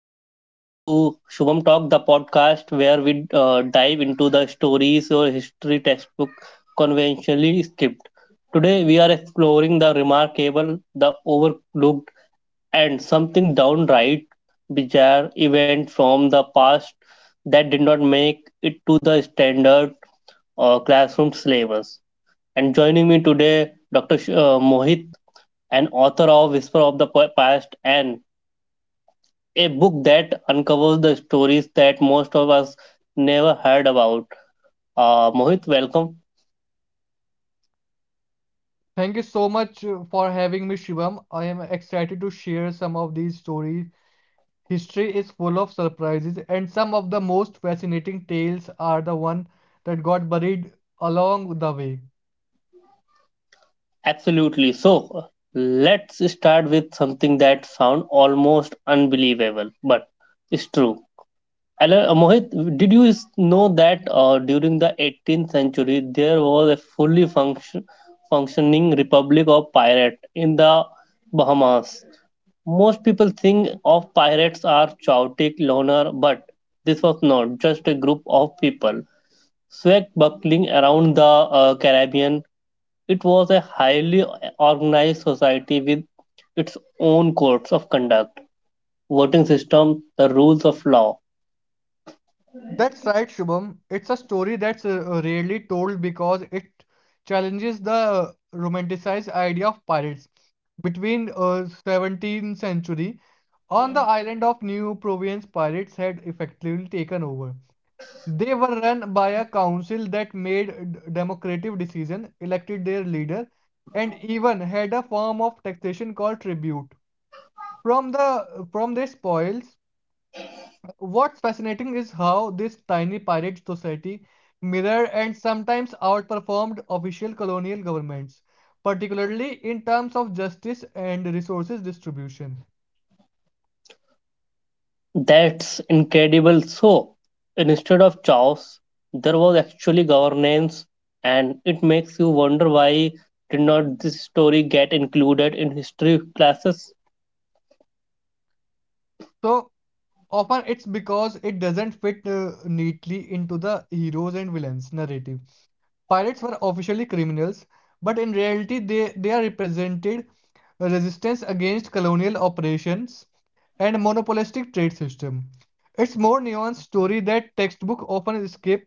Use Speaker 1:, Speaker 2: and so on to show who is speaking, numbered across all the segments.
Speaker 1: listeners, to Shubham Talk, the podcast where we dive into the stories your history textbook conventionally skipped. Today, we are exploring the remarkable, the overlooked, and something downright bizarre event from the past that did not make it to the standard classroom syllabus. And joining me today, Dr. Mohit, an author of Whisper of the Past, and a book that uncovers the stories that most of us never heard about. Mohit, welcome.
Speaker 2: Thank you so much for having me, Shivam. I am excited to share some of these stories. History is full of surprises, and some of the most fascinating tales are the one that got buried along the way.
Speaker 1: Absolutely. So let's start with something that sounds almost unbelievable, but it's true. And, Mohit, did you know that during the 18th century there was a fully functioning Republic of pirates in the Bahamas? Most people think of pirates are chaotic loner, but this was not just a group of people swashbuckling around the Caribbean. It was a highly organized society with its own codes of conduct, voting system, the rules of law.
Speaker 2: That's right, Shubham. It's a story that's rarely told because it challenges the romanticized idea of pirates. Between 17th century, on the island of New Province, pirates had effectively taken over. They were run by a council that made democratic decisions, elected their leader, and even had a form of taxation called tribute. From their spoils, what's fascinating is how this tiny pirate society mirrored and sometimes outperformed official colonial governments, particularly in terms of justice and resources distribution.
Speaker 1: That's incredible. So, instead of chaos, there was actually governance, and it makes you wonder why did not this story get included in history classes?
Speaker 2: So often it's because it doesn't fit neatly into the heroes and villains narrative. Pirates were officially criminals, but in reality they are represented resistance against colonial operations and monopolistic trade system. It's more nuanced story that textbook often escape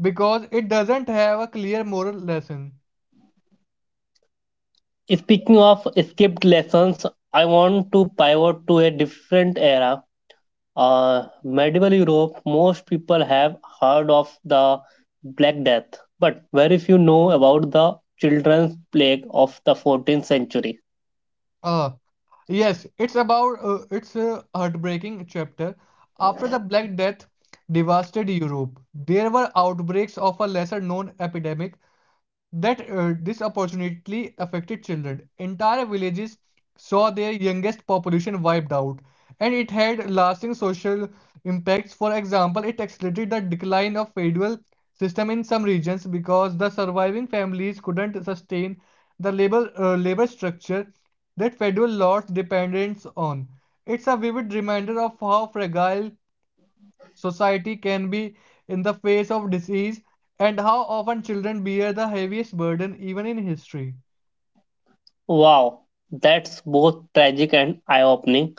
Speaker 2: because it doesn't have a clear moral lesson.
Speaker 1: Speaking of skipped lessons, I want to pivot to a different era. Medieval Europe, most people have heard of the Black Death, but very few know about the children's plague of the 14th century.
Speaker 2: Uh, yes, it's about it's a heartbreaking chapter. After the Black Death devastated Europe, there were outbreaks of a lesser known epidemic that disproportionately affected children. Entire villages saw their youngest population wiped out, and it had lasting social impacts. For example, it accelerated the decline of feudal system in some regions because the surviving families couldn't sustain the labor structure that feudal lords depended on. It's a vivid reminder of how fragile society can be in the face of disease, and how often children bear the heaviest burden even in history.
Speaker 1: Wow, that's both tragic and eye opening.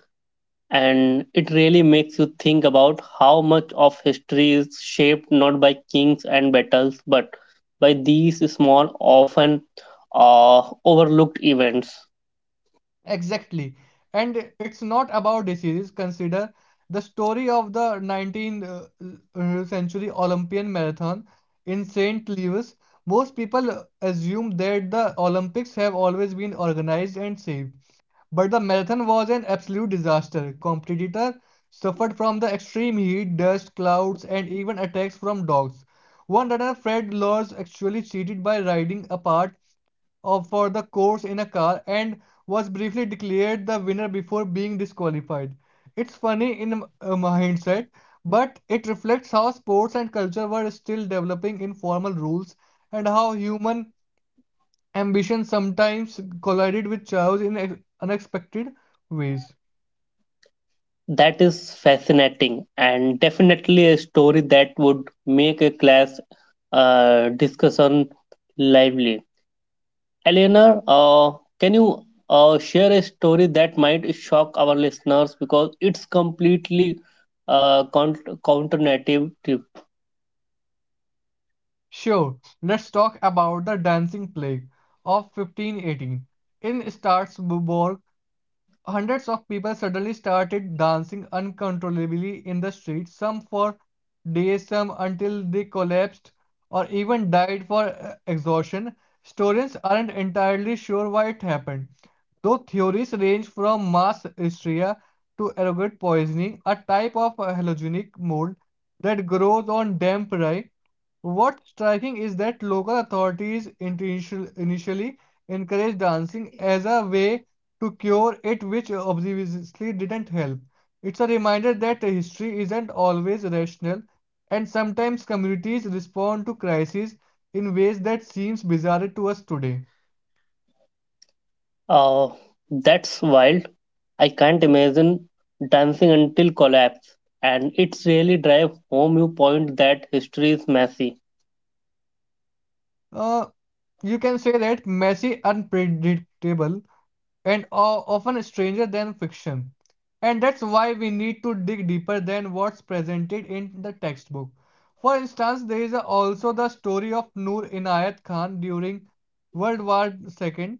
Speaker 1: And it really makes you think about how much of history is shaped not by kings and battles but by these small, often overlooked events.
Speaker 2: Exactly. And it's not about diseases. Consider the story of the 19th century Olympian marathon in St. Louis. Most people assume that the Olympics have always been organized and safe, but the marathon was an absolute disaster. Competitors suffered from the extreme heat, dust, clouds, and even attacks from dogs. One runner, Fred Lors, actually cheated by riding a part of for the course in a car and was briefly declared the winner before being disqualified. It's funny in hindsight, but it reflects how sports and culture were still developing informal rules and how human ambition sometimes collided with chaos in unexpected ways.
Speaker 1: That is fascinating, and definitely a story that would make a class discussion lively. Eleanor, can you share a story that might shock our listeners because it's completely counter?
Speaker 2: Sure, let's talk about the dancing plague of 1518. In Strasbourg, hundreds of people suddenly started dancing uncontrollably in the streets. Some for days, some until they collapsed or even died for exhaustion. Historians aren't entirely sure why it happened, though theories range from mass hysteria to ergot poisoning, a type of halogenic mold that grows on damp rye. What's striking is that local authorities initially encouraged dancing as a way to cure it, which obviously didn't help. It's a reminder that history isn't always rational, and sometimes communities respond to crises in ways that seems bizarre to us today.
Speaker 1: Uh, that's wild. I can't imagine dancing until collapse. And it's really drive home your point that history is messy.
Speaker 2: Uh, you can say that messy, unpredictable, and often stranger than fiction. And that's why we need to dig deeper than what's presented in the textbook. For instance, there is also the story of Noor Inayat Khan during World War II.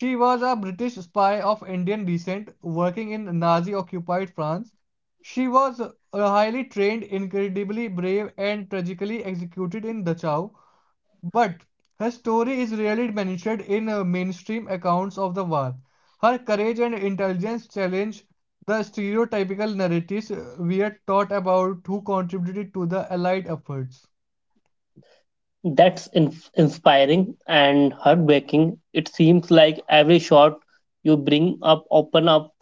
Speaker 2: She was a British spy of Indian descent working in Nazi occupied France. She was highly trained, incredibly brave, and tragically executed in Dachau, but her story is rarely mentioned in mainstream accounts of the war. Her courage and intelligence challenge the stereotypical narratives we are taught about who contributed to the Allied efforts.
Speaker 1: That's inspiring and heartbreaking. It seems like every shot you bring up open up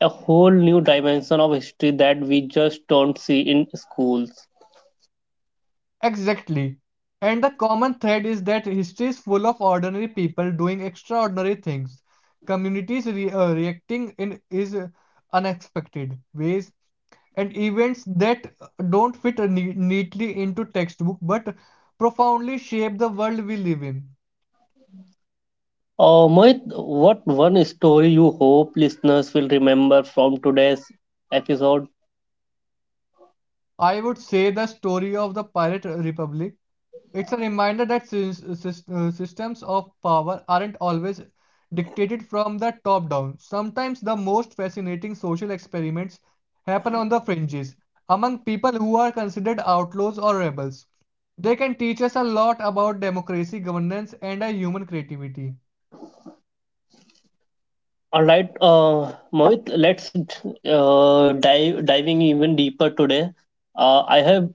Speaker 1: a whole new dimension of history that we just don't see in schools.
Speaker 2: Exactly. And the common thread is that history is full of ordinary people doing extraordinary things. Communities reacting in is unexpected ways, and events that don't fit neatly into textbook but profoundly shape the world we live in.
Speaker 1: Mohit, what one story you hope listeners will remember from today's episode?
Speaker 2: I would say the story of the Pirate Republic. It's a reminder that systems of power aren't always dictated from the top down. Sometimes the most fascinating social experiments happen on the fringes, among people who are considered outlaws or rebels. They can teach us a lot about democracy, governance, and a human creativity.
Speaker 1: All right, Mohit, let's dive diving even deeper today. I have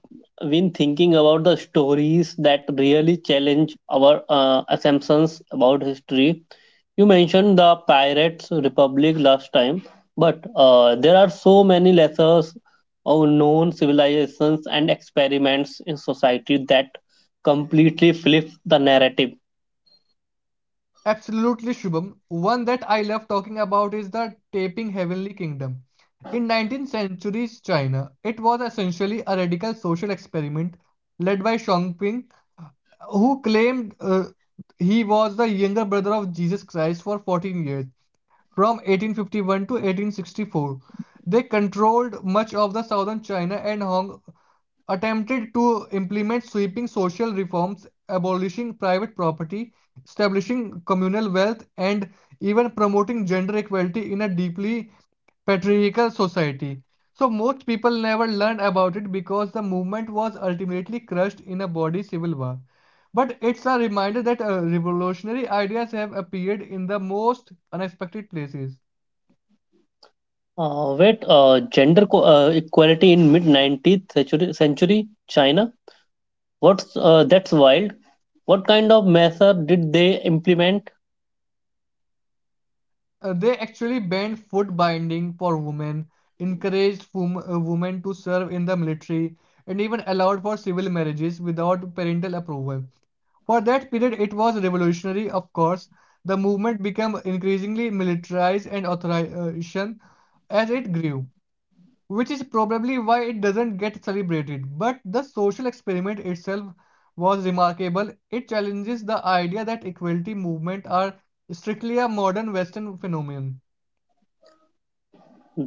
Speaker 1: been thinking about the stories that really challenge our assumptions about history. You mentioned the Pirates Republic last time, but there are so many lesser or known civilizations and experiments in society that completely flip the narrative.
Speaker 2: Absolutely, Shubham. One that I love talking about is the Taping Heavenly Kingdom. In 19th century's China, it was essentially a radical social experiment led by Shangping, who claimed he was the younger brother of Jesus Christ for 14 years. From 1851 to 1864, they controlled much of the southern China and Hong, attempted to implement sweeping social reforms, abolishing private property, establishing communal wealth, and even promoting gender equality in a deeply patriarchal society. So, most people never learned about it because the movement was ultimately crushed in a bloody civil war. But it's a reminder that revolutionary ideas have appeared in the most unexpected places.
Speaker 1: Wait, gender equality in mid 19th century China? What's that's wild. What kind of measure did they implement?
Speaker 2: They actually banned foot binding for women, encouraged women to serve in the military, and even allowed for civil marriages without parental approval. For that period, it was revolutionary. Of course, the movement became increasingly militarized and authoritarian as it grew, which is probably why it doesn't get celebrated. But the social experiment itself was remarkable. It challenges the idea that equality movement are strictly a modern Western phenomenon.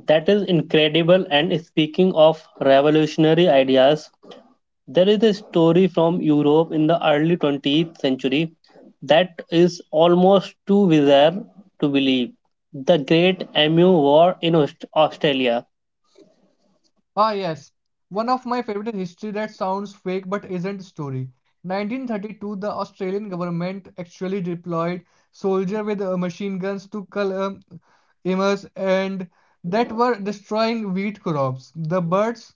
Speaker 1: That is incredible. And speaking of revolutionary ideas, there is a story from Europe in the early 20th century that is almost too bizarre to believe. The Great Emu War in Australia.
Speaker 2: Ah, yes, one of my favorite history that sounds fake but isn't story. 1932, the Australian government actually deployed soldiers with machine guns to cull emus and that were destroying wheat crops.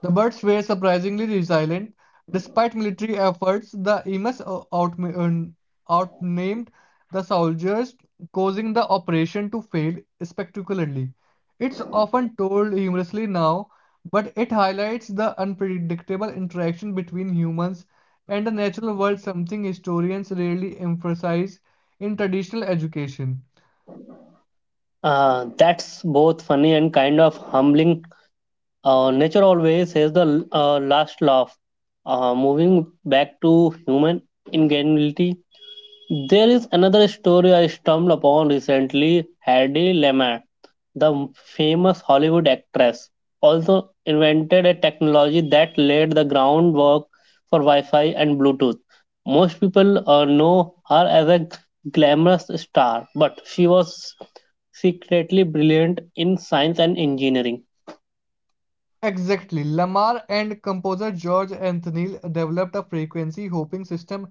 Speaker 2: The birds were surprisingly resilient. Despite military efforts, the Emus outnamed the soldiers, causing the operation to fail spectacularly. It's often told humorously now, but it highlights the unpredictable interaction between humans and the natural world, something historians rarely emphasize in traditional education.
Speaker 1: That's both funny and kind of humbling. Nature always has the last laugh. Moving back to human ingenuity, there is another story I stumbled upon recently. Hedy Lamarr, the famous Hollywood actress, also invented a technology that laid the groundwork for Wi-Fi and Bluetooth. Most people know her as a glamorous star, but she was secretly brilliant in science and engineering.
Speaker 2: Exactly. Lamar and composer George Anthony developed a frequency hopping system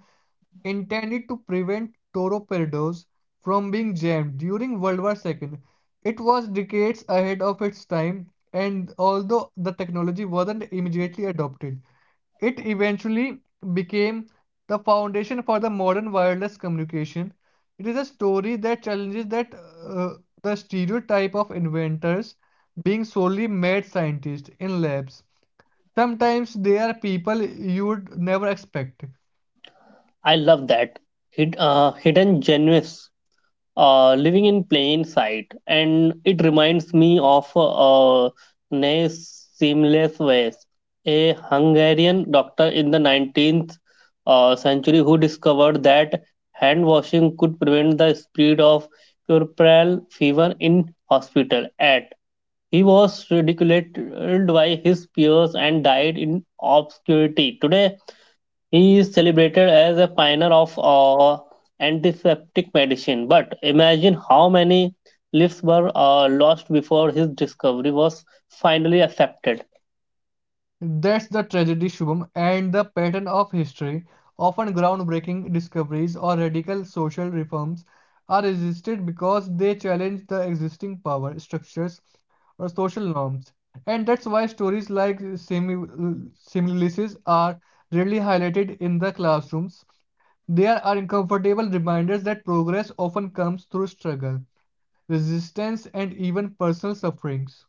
Speaker 2: intended to prevent torpedoes from being jammed during World War II. It was decades ahead of its time, and although the technology wasn't immediately adopted, it eventually became the foundation for the modern wireless communication. It is a story that challenges that uh, the stereotype of inventors being solely mad scientists in labs. Sometimes they are people you'd never expect.
Speaker 1: I love that. Hidden genuines living in plain sight. And it reminds me of ne Seamless Ways, a Hungarian doctor in the 19th century who discovered that hand washing could prevent the spread of puerperal fever in hospital. At He was ridiculed by his peers and died in obscurity. Today, he is celebrated as a pioneer of antiseptic medicine, but imagine how many lives were lost before his discovery was finally accepted.
Speaker 2: That's the tragedy, Shubham, and the pattern of history. Often groundbreaking discoveries or radical social reforms are resisted because they challenge the existing power structures or social norms. And that's why stories like Simlices are rarely highlighted in the classrooms. They are uncomfortable reminders that progress often comes through struggle, resistance, and even personal sufferings.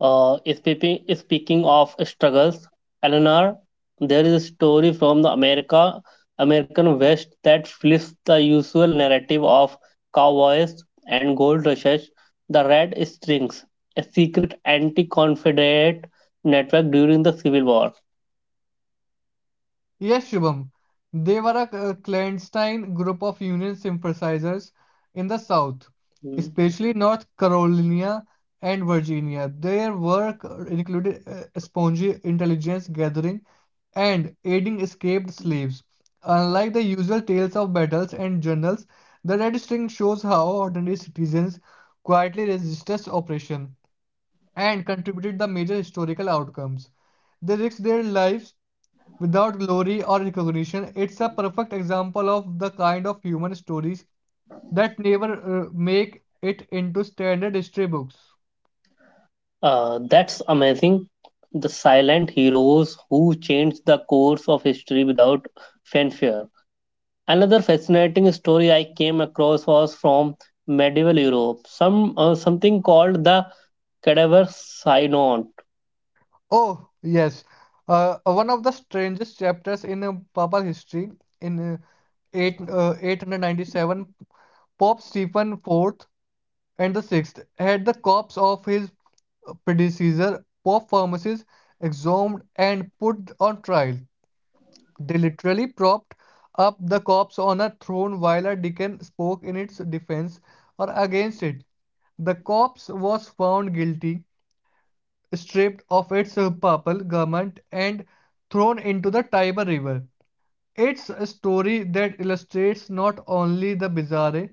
Speaker 1: Speaking of struggles, Eleanor, there is a story from the American West that flips the usual narrative of cowboys and gold rushes. The Red Strings, a secret anti-Confederate network during the Civil War.
Speaker 2: Yes, Shubham. They were a clandestine group of Union sympathizers in the South,
Speaker 1: Hmm.
Speaker 2: especially North Carolina and Virginia. Their work included spongy intelligence gathering and aiding escaped slaves. Unlike the usual tales of battles and journals, the Red String shows how ordinary citizens quietly resisted oppression and contributed the major historical outcomes. They risked their lives without glory or recognition. It's a perfect example of the kind of human stories that never make it into standard history books.
Speaker 1: That's amazing. The silent heroes who changed the course of history without fanfare. Another fascinating story I came across was from medieval Europe. Something called the cadaver synod.
Speaker 2: Oh, yes. One of the strangest chapters in Papal history in 897, Pope Stephen the fourth and the sixth had the corpse of his predecessor, Pope Firmus, exhumed and put on trial. They literally propped up the corpse on a throne while a deacon spoke in its defense or against it. The corpse was found guilty, stripped of its purple garment, and thrown into the Tiber River. It's a story that illustrates not only the bizarre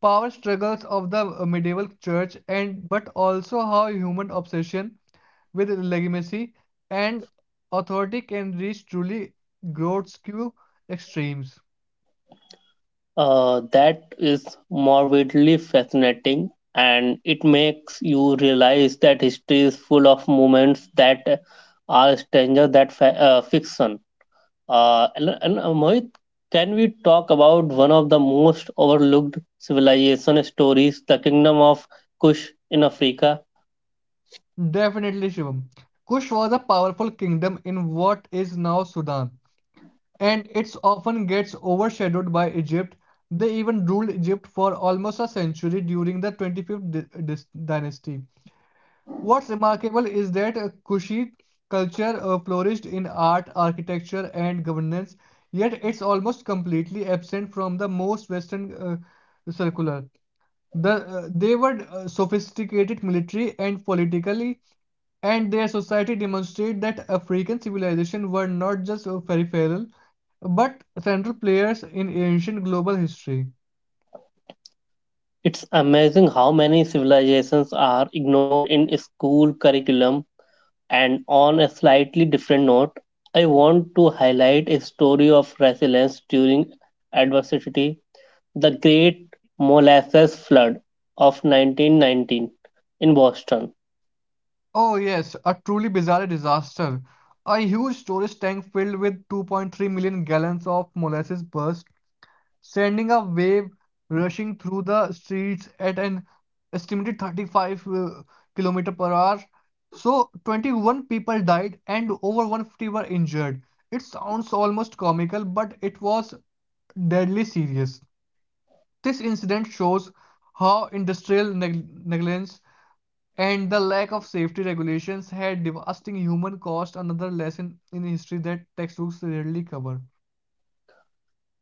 Speaker 2: power struggles of the medieval church, and but also how human obsession with legitimacy and authority can reach truly grotesque extremes.
Speaker 1: That is morbidly fascinating, and it makes you realize that history is full of moments that are stranger than fiction. And Mohit, can we talk about one of the most overlooked civilization stories, the kingdom of Kush in Africa?
Speaker 2: Definitely, Shivam. Kush was a powerful kingdom in what is now Sudan, and it often gets overshadowed by Egypt. They even ruled Egypt for almost a century during the 25th dynasty. What's remarkable is that Kushi culture flourished in art, architecture, and governance, yet it's almost completely absent from the most Western circular. They were sophisticated military and politically, and their society demonstrate that African civilization were not just peripheral, but central players in ancient global history.
Speaker 1: It's amazing how many civilizations are ignored in school curriculum. And on a slightly different note, I want to highlight a story of resilience during adversity, the Great Molasses Flood of 1919 in Boston.
Speaker 2: Oh, yes, a truly bizarre disaster. A huge storage tank filled with 2.3 million gallons of molasses burst, sending a wave rushing through the streets at an estimated 35 kilometer per hour. So, 21 people died and over 150 were injured. It sounds almost comical, but it was deadly serious. This incident shows how industrial negligence and the lack of safety regulations had devastating human cost, another lesson in history that textbooks rarely cover.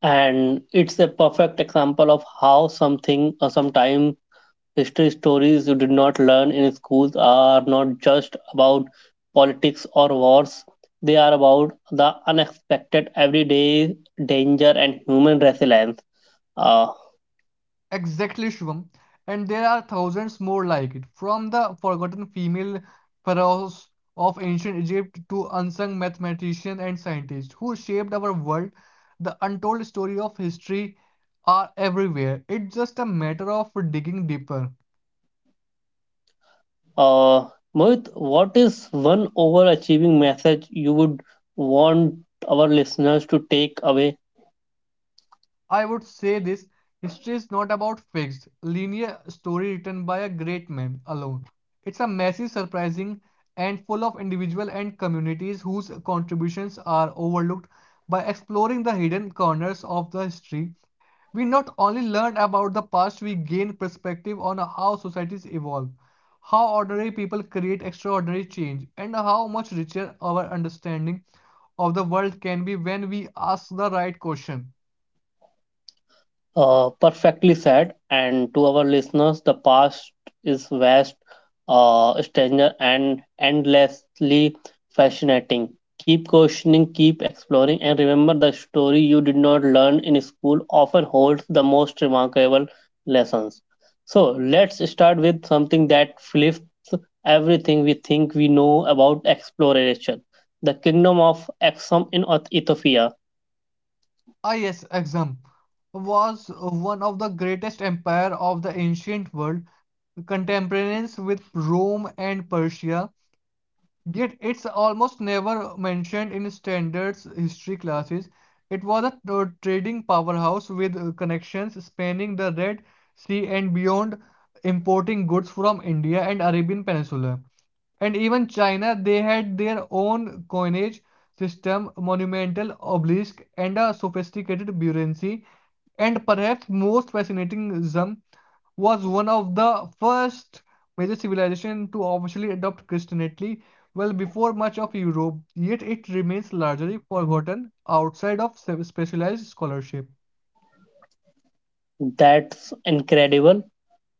Speaker 1: And it's a perfect example of how something or sometime history stories you did not learn in schools are not just about politics or wars. They are about the unexpected everyday danger and human resilience uh,
Speaker 2: Exactly, Shubham. And there are thousands more like it, from the forgotten female pharaohs of ancient Egypt to unsung mathematicians and scientists who shaped our world. The untold story of history are everywhere. It's just a matter of digging deeper.
Speaker 1: uh, Mohit, what is one overachieving message you would want our listeners to take away?
Speaker 2: I would say this: history is not about fixed, linear story written by a great man alone. It's a messy, surprising, and full of individual and communities whose contributions are overlooked. By exploring the hidden corners of the history, we not only learn about the past, we gain perspective on how societies evolve, how ordinary people create extraordinary change, and how much richer our understanding of the world can be when we ask the right question.
Speaker 1: Perfectly said. And to our listeners, the past is vast, stranger, and endlessly fascinating. Keep questioning, keep exploring, and remember the story you did not learn in school often holds the most remarkable lessons. So, let's start with something that flips everything we think we know about exploration: the kingdom of Aksum in Ethiopia.
Speaker 2: Ah yes, Aksum was one of the greatest empire of the ancient world, contemporaneous with Rome and Persia. Yet it's almost never mentioned in standards history classes. It was a trading powerhouse with connections spanning the Red Sea and beyond, importing goods from India and Arabian Peninsula. And even China, they had their own coinage system, monumental obelisk, and a sophisticated bureaucracy. And perhaps most fascinating, Zam was one of the first major civilization to officially adopt Christianity well before much of Europe, yet it remains largely forgotten outside of specialized scholarship.
Speaker 1: That's incredible.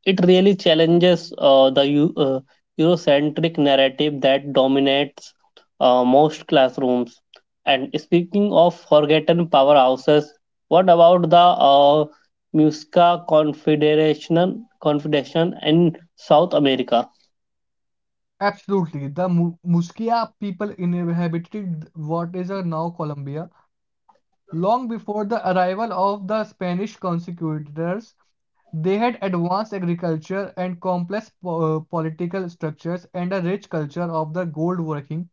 Speaker 1: It really challenges the Eurocentric narrative that dominates most classrooms. And speaking of forgotten powerhouses, what about the uh, Musca Confederation in South America?
Speaker 2: Absolutely, the Musquia people inhabited what is now Colombia. Long before the arrival of the Spanish conquistadors, they had advanced agriculture and complex political structures and a rich culture of the gold working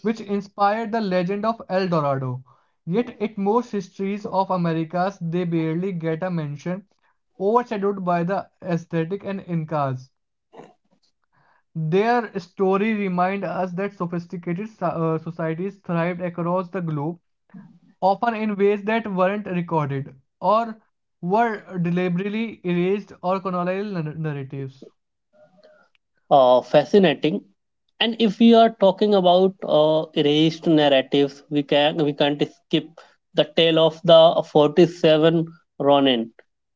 Speaker 2: which inspired the legend of El Dorado. Yet, in most histories of Americas, they barely get a mention, overshadowed by the aesthetic and Incas. Their story reminds us that sophisticated societies thrived across the globe, often in ways that weren't recorded or were deliberately erased or colonial narratives.
Speaker 1: Fascinating. And if we are talking about erased narratives, we can't skip the tale of the 47 Ronin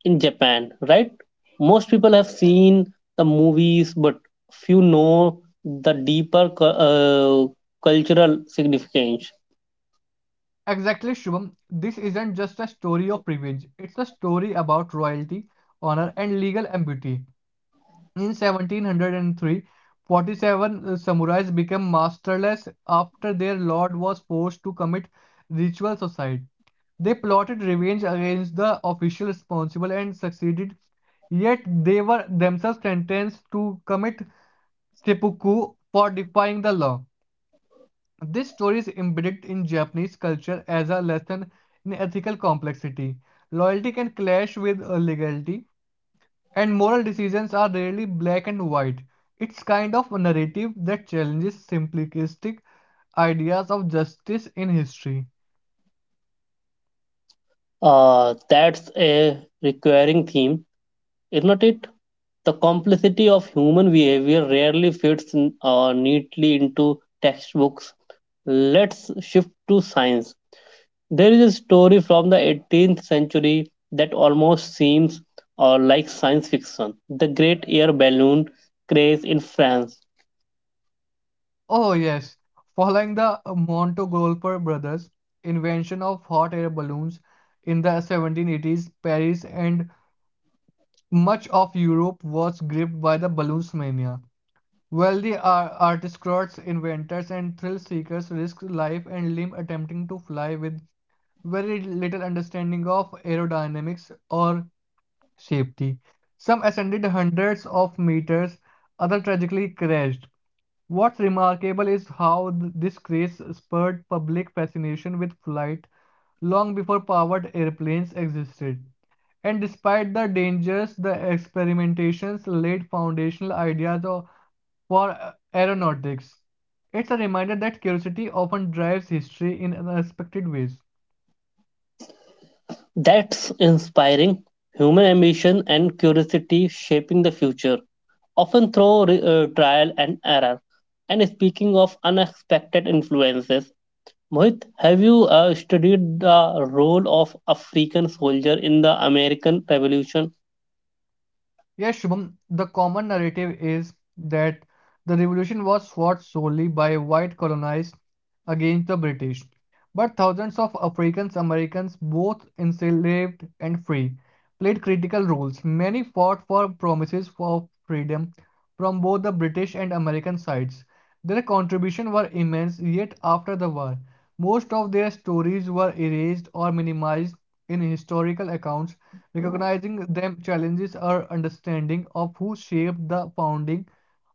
Speaker 1: in Japan, right? Most people have seen the movies, but few know the deeper cultural significance.
Speaker 2: Exactly, Shubham. This isn't just a story of privilege. It's a story about royalty, honor, and legal ambiguity. In 1703, 47 samurais became masterless after their lord was forced to commit ritual suicide. They plotted revenge against the official responsible and succeeded, yet they were themselves sentenced to commit seppuku for defying the law. This story is embedded in Japanese culture as a lesson in ethical complexity. Loyalty can clash with legality, and moral decisions are rarely black and white. It's kind of a narrative that challenges simplistic ideas of justice in history.
Speaker 1: That's a recurring theme, isn't it? The complexity of human behavior rarely fits neatly into textbooks. Let's shift to science. There is a story from the 18th century that almost seems or like science fiction: the great air balloon craze in France.
Speaker 2: Oh, yes, following the Montgolfier brothers' invention of hot air balloons in the 1780s, Paris and much of Europe was gripped by the balloons mania. Wealthy aristocrats, inventors, and thrill seekers risked life and limb attempting to fly with very little understanding of aerodynamics or safety. Some ascended hundreds of meters, others tragically crashed. What's remarkable is how this craze spurred public fascination with flight long before powered airplanes existed. And despite the dangers, the experimentations laid foundational ideas of for aeronautics. It's a reminder that curiosity often drives history in unexpected ways.
Speaker 1: That's inspiring. Human ambition and curiosity shaping the future, often through trial and error. And speaking of unexpected influences, Mohit, have you studied the role of African soldier in the American Revolution?
Speaker 2: Yes, Shubham, the common narrative is that the revolution was fought solely by white colonists against the British, but thousands of African Americans, both enslaved and free, played critical roles. Many fought for promises of freedom from both the British and American sides. Their contributions were immense, yet after the war, most of their stories were erased or minimized in historical accounts. Recognizing them challenges our understanding of who shaped the founding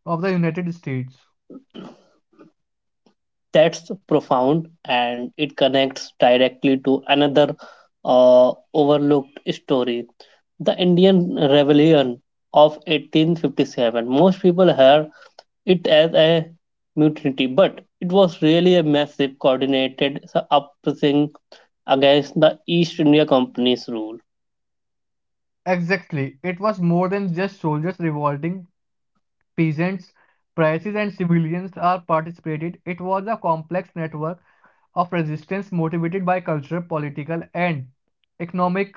Speaker 2: of the United States.
Speaker 1: That's profound, and it connects directly to another overlooked story: the Indian rebellion of 1857. Most people hear it as a mutiny, but it was really a massive coordinated uprising against the East India Company's rule.
Speaker 2: Exactly. It was more than just soldiers revolting, peasants, priests, and civilians all participated. It was a complex network of resistance motivated by cultural, political, and economic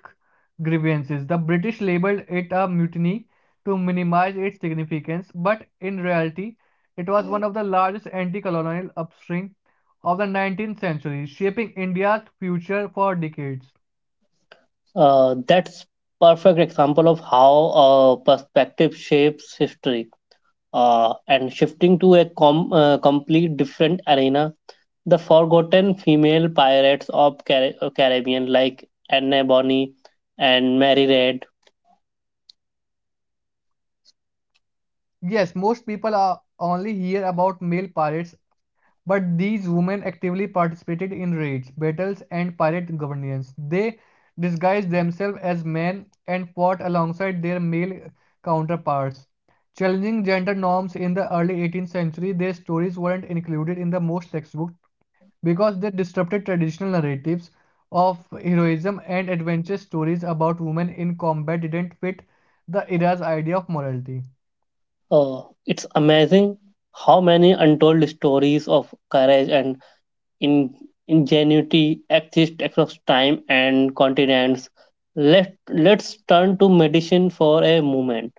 Speaker 2: grievances. The British labeled it a mutiny to minimize its significance, but in reality, it was one of the largest anti colonial upswing of the 19th century, shaping India's future for decades.
Speaker 1: That's perfect example of how perspective shapes history. And shifting to a complete different arena, the forgotten female pirates of Caribbean, like Anne Bonny and Mary Read.
Speaker 2: Yes, most people are only hear about male pirates, but these women actively participated in raids, battles, and pirate governance. They disguised themselves as men and fought alongside their male counterparts. Challenging gender norms in the early 18th century, their stories weren't included in the most textbooks because they disrupted traditional narratives of heroism and adventure stories about women in combat didn't fit the era's idea of morality.
Speaker 1: Oh, it's amazing how many untold stories of courage and in- ingenuity exist across time and continents. Let's turn to medicine for a moment.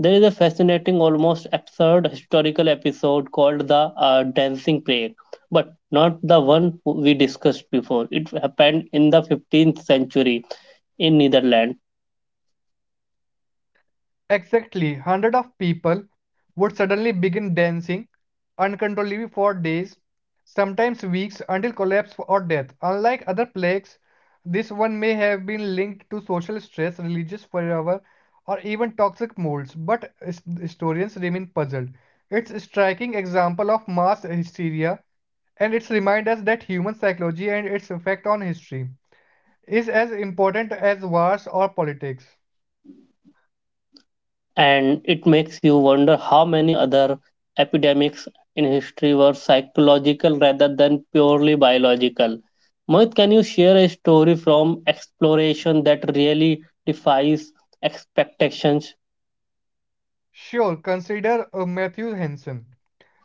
Speaker 1: There is a fascinating, almost absurd historical episode called the Dancing Plague, but not the one we discussed before. It happened in the 15th century in Netherlands,
Speaker 2: Exactly, hundreds of people would suddenly begin dancing uncontrollably for days, sometimes weeks, until collapse or death. Unlike other plagues, this one may have been linked to social stress, religious fervor, or even toxic molds, but historians remain puzzled. It's a striking example of mass hysteria, and it's remind us that human psychology and its effect on history is as important as wars or politics.
Speaker 1: and it makes you wonder how many other epidemics in history were psychological rather than purely biological. Mohit, can you share a story from exploration that really defies expectations?
Speaker 2: Sure, consider Matthew Henson,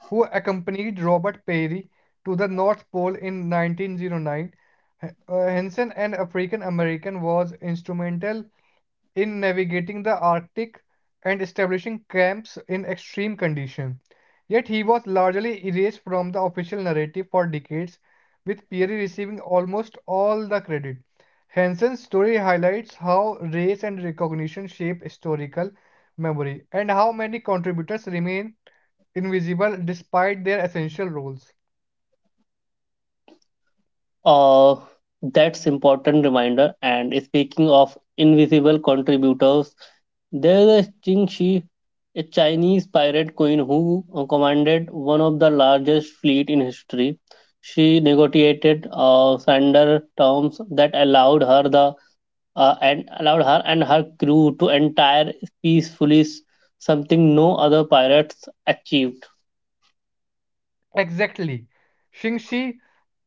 Speaker 2: who accompanied Robert Peary to the North Pole in 1909. Henson, an African American, was instrumental in navigating the Arctic and establishing camps in extreme conditions. Yet he was largely erased from the official narrative for decades, with Peary receiving almost all the credit. Hansen's story highlights how race and recognition shape historical memory and how many contributors remain invisible despite their essential roles.
Speaker 1: Uh, that's important reminder. And speaking of invisible contributors, there's a Qingxi, a Chinese pirate queen who commanded one of the largest fleet in history. She negotiated surrender terms that allowed her the and allowed her and her crew to entire peacefully, something no other pirates achieved.
Speaker 2: Exactly. Shingshi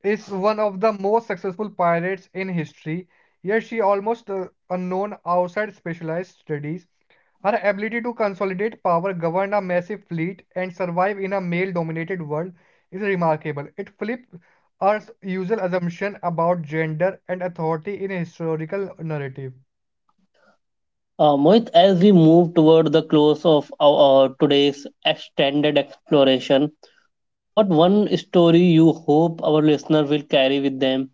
Speaker 2: is one of the most successful pirates in history, yet she almost unknown outside specialized studies. Her ability to consolidate power, govern a massive fleet, and survive in a male-dominated world is remarkable. It flips our usual assumption about gender and authority in a historical narrative.
Speaker 1: Mohit, as we move toward the close of our today's extended exploration, what one story you hope our listener will carry with them?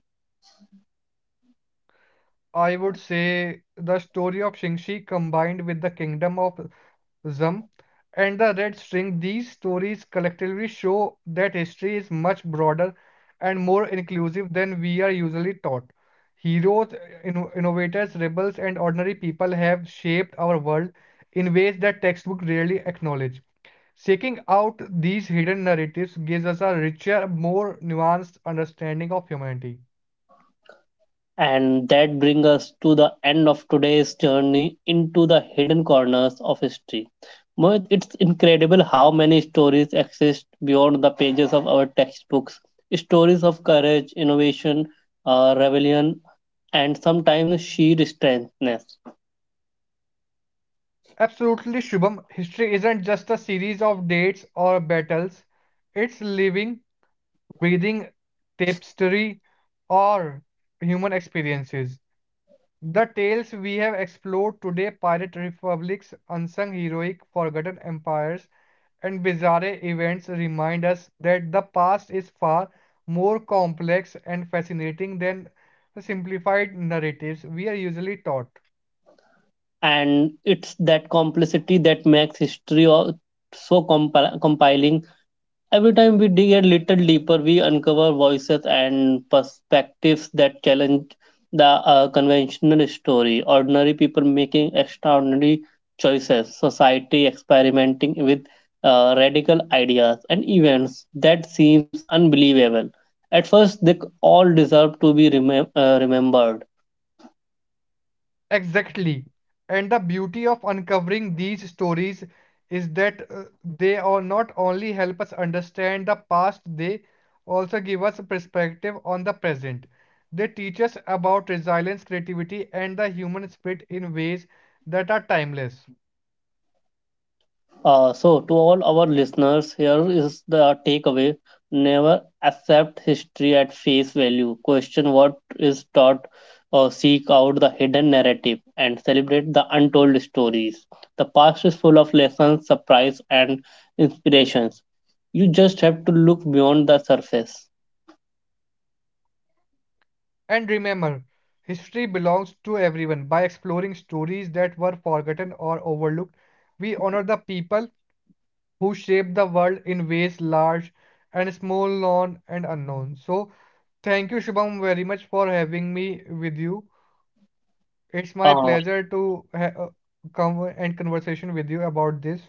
Speaker 2: I would say the story of Shingshi combined with the kingdom of Zum and the Red String, these stories collectively show that history is much broader and more inclusive than we are usually taught. Heroes, innovators, rebels, and ordinary people have shaped our world in ways that textbooks rarely acknowledge. Seeking out these hidden narratives gives us a richer, more nuanced understanding of humanity.
Speaker 1: And that brings us to the end of today's journey into the hidden corners of history. Mohit, it's incredible how many stories exist beyond the pages of our textbooks. Stories of courage, innovation, rebellion, and sometimes sheer strength.
Speaker 2: Absolutely, Shubham. History isn't just a series of dates or battles, it's living, breathing, tapestry, or human experiences. The tales we have explored today pirate republics, unsung heroic, forgotten empires, and bizarre events remind us that the past is far more complex and fascinating than the simplified narratives we are usually taught.
Speaker 1: And it's that complexity that makes history so compiling. Every time we dig a little deeper, we uncover voices and perspectives that challenge the conventional story: ordinary people making extraordinary choices, society experimenting with radical ideas, and events that seems unbelievable at first. They all deserve to be remembered.
Speaker 2: Exactly. And the beauty of uncovering these stories is that they are not only help us understand the past, they also give us a perspective on the present. They teach us about resilience, creativity, and the human spirit in ways that are timeless.
Speaker 1: So, to all our listeners, here is the takeaway. Never accept history at face value. Question what is taught, or seek out the hidden narrative, and celebrate the untold stories. The past is full of lessons, surprise, and inspirations. You just have to look beyond the surface.
Speaker 2: And remember, history belongs to everyone. By exploring stories that were forgotten or overlooked, we honor the people who shape the world in ways large and small, known and unknown. So, thank you, Shubham, very much for having me with you. It's my
Speaker 1: Uh,
Speaker 2: pleasure to come and conversation with you about this.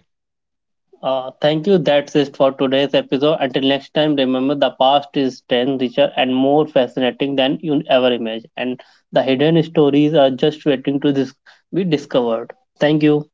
Speaker 1: Thank you. That's it for today's episode. Until next time, remember the past is 10 richer and more fascinating than you ever imagined. And the hidden stories are just waiting to be discovered. Thank you.